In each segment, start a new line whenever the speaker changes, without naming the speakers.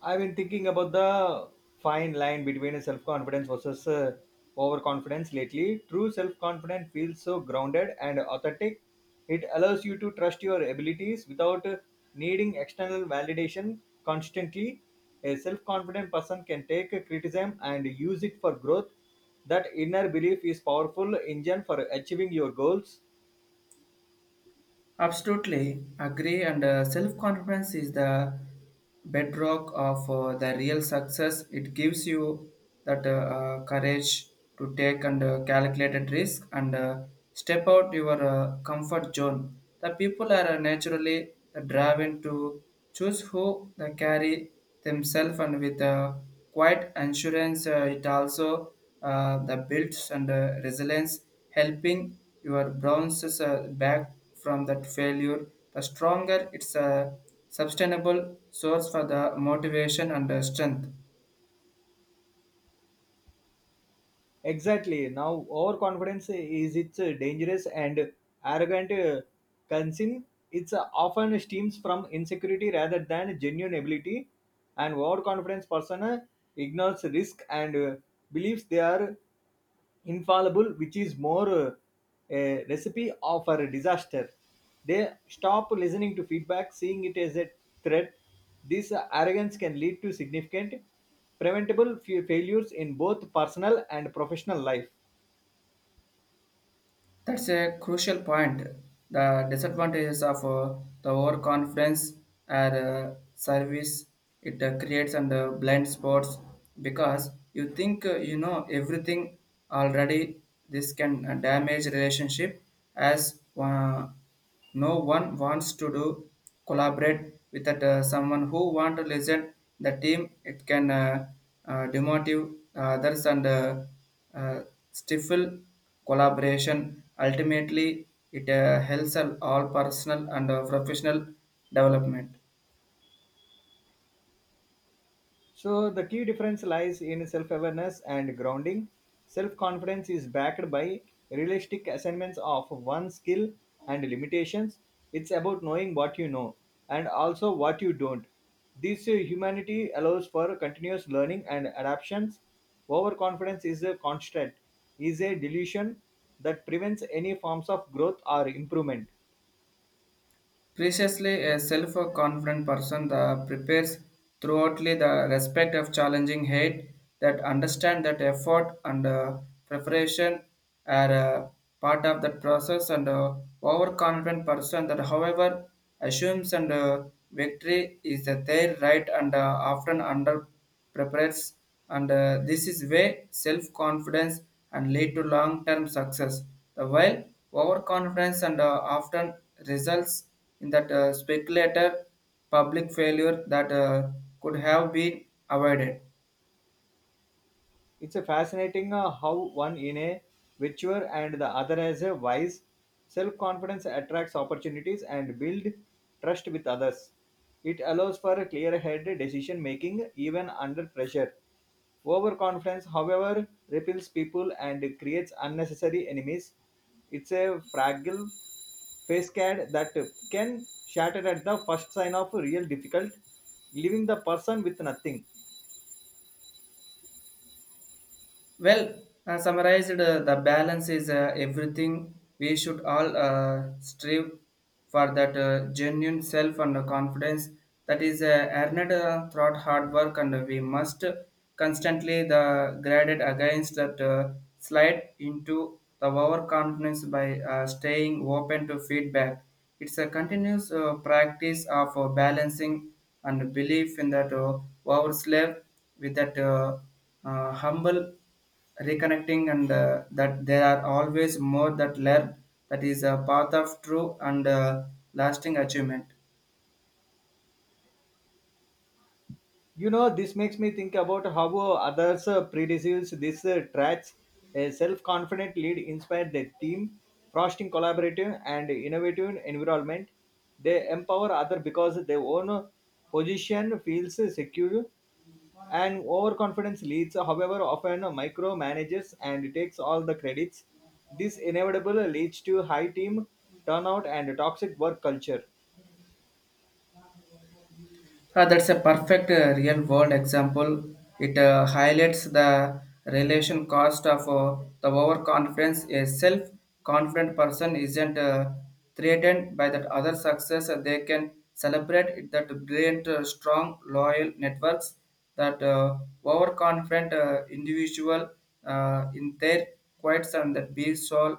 I've been thinking about the fine line between self confidence versus overconfidence lately. True self confidence feels so grounded and authentic. It allows you to trust your abilities without needing external validation constantly. A self confident person can take criticism and use it for growth. That inner belief is powerful engine for achieving your goals.
Absolutely agree, and self confidence is the bedrock of the real success. It gives you that courage to take and calculated risk and step out your comfort zone. The people are naturally drawn to choose who they carry themselves and with a quite assurance, it also the builds and resilience helping your bounces back from that failure the stronger it's a sustainable source for the motivation and strength.
Exactly. Now, overconfidence is its dangerous and arrogant concern. It's often stems from insecurity rather than genuine ability. An overconfidence person ignores risk and believes they are infallible, which is more a recipe of a disaster. They stop listening to feedback, seeing it as a threat. This arrogance can lead to significant preventable failures in both personal and professional life.
That's a crucial point. The disadvantages of the overconfidence are service it creates and blind spots because you think you know everything already. This can damage relationship as one. No one wants to do collaborate with that, someone who want to listen the team. It can demotive others and uh, stifle collaboration. Ultimately, it helps all personal and professional development.
So, the key difference lies in self awareness and grounding. Self confidence is backed by realistic assessments of one's skill and limitations. It's about knowing what you know and also what you don't. This humanity allows for continuous learning and adaptations. Overconfidence is a constant, is a delusion that prevents any forms of growth or improvement.
Preciously, a self-confident person that prepares throughoutly the respect of challenging hate that understand that effort and preparation are part of that process and overconfident person that however assumes and victory is their right and often underestimated prepares, and this is way self-confidence and lead to long-term success. The while overconfidence and often results in that speculator public failure that could have been avoided.
It's a fascinating how one in a virtue and the other as a wise self-confidence attracts opportunities and build trust with others. It allows for a clear-headed decision making even under pressure. Overconfidence, however, repels people and creates unnecessary enemies. It's a fragile face card that can shatter at the first sign of a real difficult, leaving the person with nothing.
Well, summarized, the balance is everything. We should all strive for that genuine self and confidence that is earned throughout hard work, and we must constantly the graded against that slide into the overconfidence by staying open to feedback. It's a continuous practice of balancing and belief in that overslave with that humble reconnecting and that there are always more that learn that is a path of true and lasting achievement.
You know, this makes me think about how others predeceased this tracks. A self-confident lead inspired the team, fostering collaborative and innovative environment. They empower other because their own position feels secure. And overconfidence leads, however, often micromanages and takes all the credits. This inevitable leads to high team turnout and toxic work culture.
That's a perfect real world example. It highlights the relation cost of the overconfidence. A self confident person isn't threatened by that other success. They can celebrate it that brilliant, strong, loyal networks that overconfident individual in their quiet and that be soul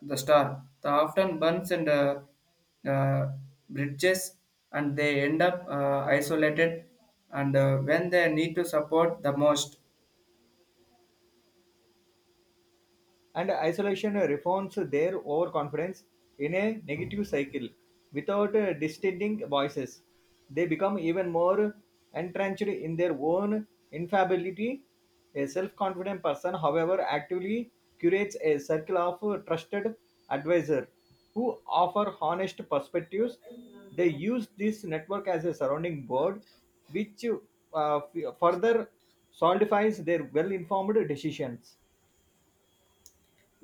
the star. The often burns and uh, bridges and they end up isolated and when they need to support the most.
And isolation refines their overconfidence in a negative cycle. Without distinguishing voices, they become even more entrenched in their own infallibility. A self confident person, however, actively curates a circle of trusted advisor who offer honest perspectives. They use this network as a surrounding board, which further solidifies their well informed decisions.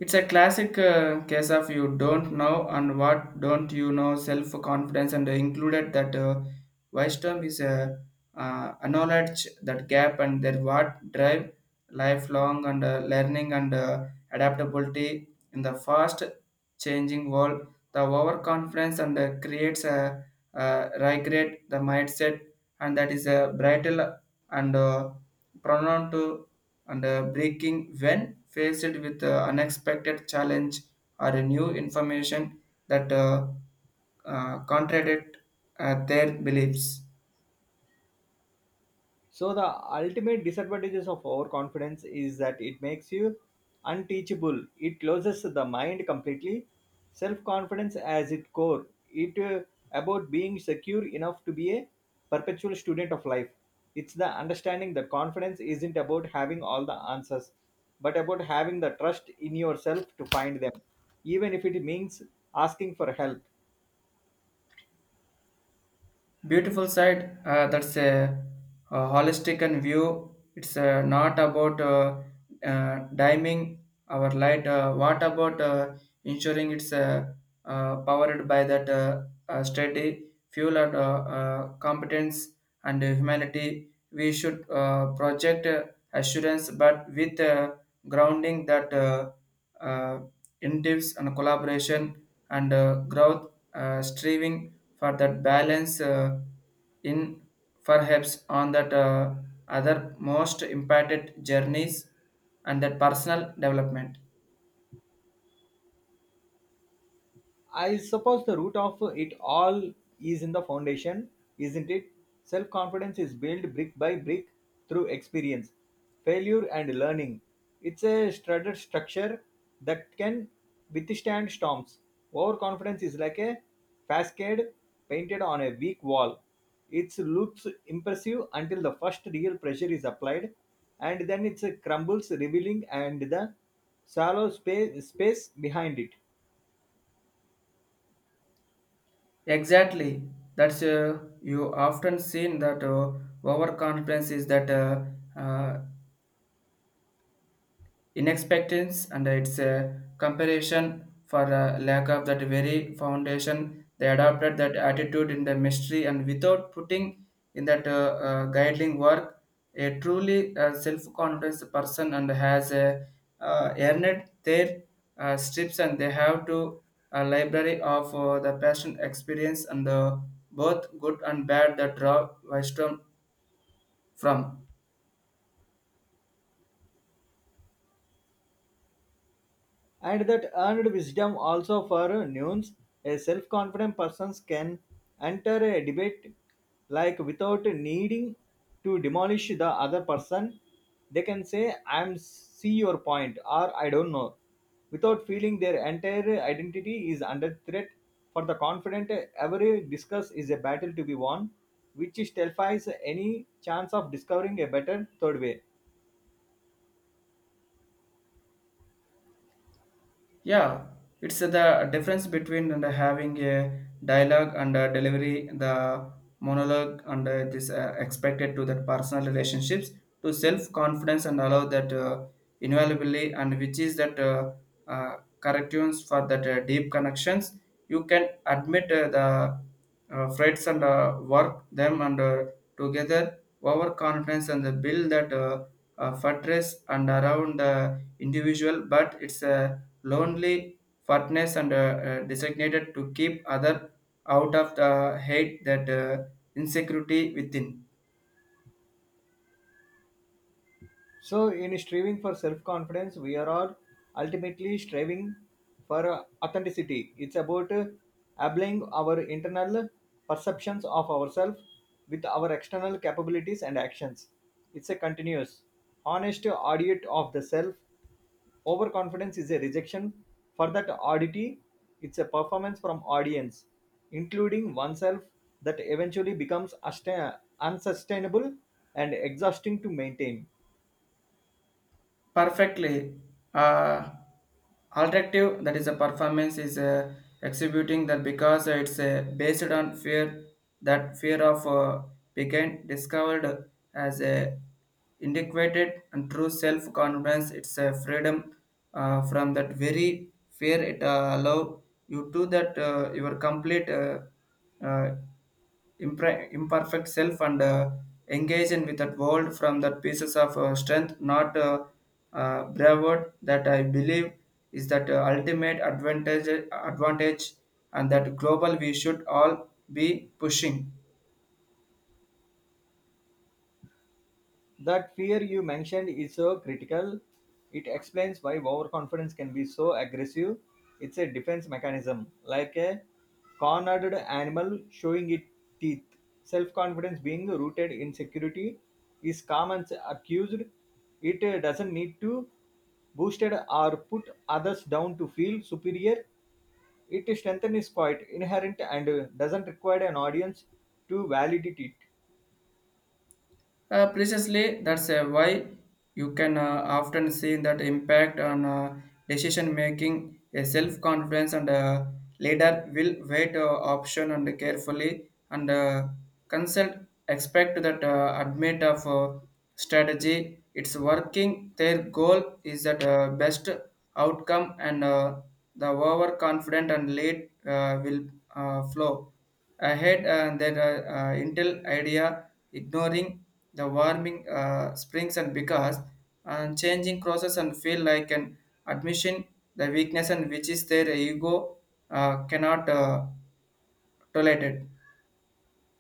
It's a classic case of you don't know and what don't you know self confidence and included that wisdom is a acknowledge that gap and their what drive lifelong and learning and adaptability in the fast changing world. The overconfidence and creates a regret the mindset and that is a brittle and pronoun to and breaking when faced with unexpected challenge or a new information that contradict their beliefs.
So the ultimate disadvantages of overconfidence is that it makes you unteachable. It closes the mind completely. Self-confidence as its core. It about being secure enough to be a perpetual student of life. It's the understanding that confidence isn't about having all the answers, but about having the trust in yourself to find them, even if it means asking for help.
Beautiful side, that's a holistic and view it's not about dimming our light, what about ensuring it's powered by that steady fuel and competence and humanity we should project assurance but with grounding that uh, incentives and collaboration and growth striving for that balance in perhaps on that other most impacted journeys and that personal development.
I suppose the root of it all is in the foundation, isn't it? Self confidence is built brick by brick through experience, failure, and learning. It's a studded structure that can withstand storms. Overconfidence is like a facade painted on a weak wall. It looks impressive until the first real pressure is applied, and then it crumbles, revealing and the shallow space behind it.
Exactly, that's you often seen that overconfidence is that uh, in and its a comparison for a lack of that very foundation they adopted that attitude in the mystery and without putting in that guiding work a truly self-confident person and has a earned their strips and they have to a library of the passion experience and the both good and bad that draw wisdom from.
And that earned wisdom also for nuance. A self-confident person can enter a debate like without needing to demolish the other person. They can say, "I'm see your point," or "I don't know," without feeling their entire identity is under threat. For the confident, every discuss is a battle to be won, which terrifies any chance of discovering a better third way.
Yeah, it's the difference between and having a dialogue and a delivery, the monologue and this expected to that personal relationships to self confidence and allow that invaluably and which is that corrections for that deep connections. You can admit the threats and work them and together overconfidence and the build that fortress and around the individual, but it's a lonely fatness and designated to keep other out of the hate that insecurity within.
So, in striving for self confidence, we are all ultimately striving for authenticity. It's about applying our internal perceptions of ourselves with our external capabilities and actions. It's a continuous, honest audit of the self. Overconfidence is a rejection for that oddity. It's a performance from audience, including oneself, that eventually becomes unsustainable and exhausting to maintain.
Perfectly, uh, alternative, that is a performance, is exhibiting that because it's based on fear, that fear of being discovered as a inadequate and true self-confidence. It's a freedom from that very fear. It allow you to that your complete uh, imperfect self and engage in with that world from that pieces of strength, not bravado that I believe is that ultimate advantage and that global we should all be pushing.
That fear you mentioned is so critical. It explains why overconfidence can be so aggressive. It's a defense mechanism, like a cornered animal showing its teeth. Self confidence being rooted in security is common accused. It doesn't need to boosted or put others down to feel superior. It strength is quite inherent and doesn't require an audience to validate it.
Precisely, that's why you can often see that impact on decision making, a self confidence, and leader will wait option and carefully and consult. Expect that admit of strategy, it's working. Their goal is that best outcome, and the overconfident and lead will flow. I had that Intel idea ignoring the warming springs and because and changing crosses and feel like an admission the weakness and which is their ego cannot tolerate it.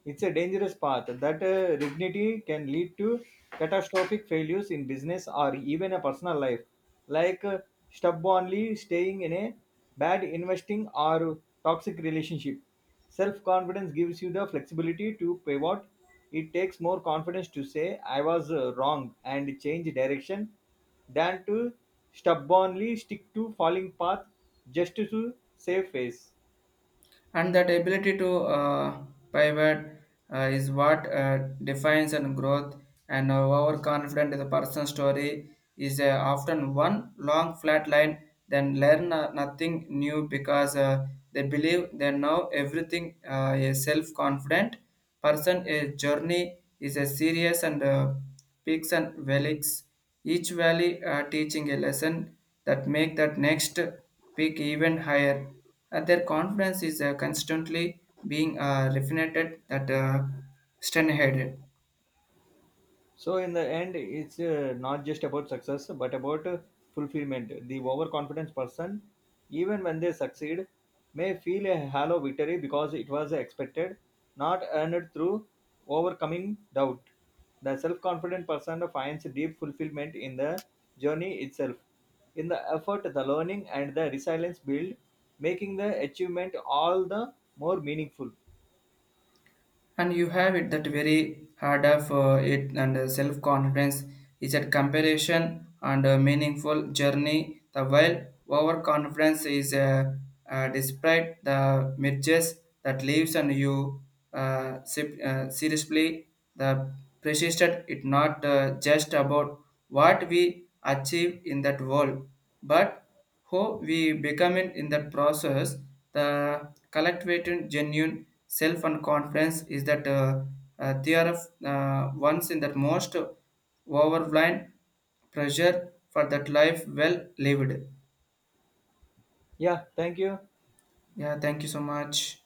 It's a dangerous path that dignity can lead to catastrophic failures in business or even a personal life, like stubbornly staying in a bad investing or toxic relationship. Self confidence gives you the flexibility to pivot. It takes more confidence to say, I was wrong and change direction than to stubbornly stick to falling path just to save face.
And that ability to uh, pivot is what defines and growth and our confident in the person's story is often one long flat line then learn nothing new because they believe they know everything is self-confident person a journey is a serious and peaks and valleys each valley teaching a lesson that make that next peak even higher. Their confidence is constantly being refined that stern-headed.
So in the end, it's not just about success, but about fulfillment. The overconfident person, even when they succeed, may feel a hollow victory because it was expected, not earned through overcoming doubt. The self-confident person finds deep fulfillment in the journey itself, in the effort, the learning, and the resilience build, making the achievement all the more meaningful.
And you have it that very hard of it and self-confidence is a comparison and a meaningful journey the while overconfidence is despite the midges that leaves and you seriously the persisted it not just about what we achieve in that world but how we becoming in that process, the collective genuine self and confidence is that they are once in that most overwhelming pressure for that life well lived.
Yeah, thank you.
Yeah, thank you so much.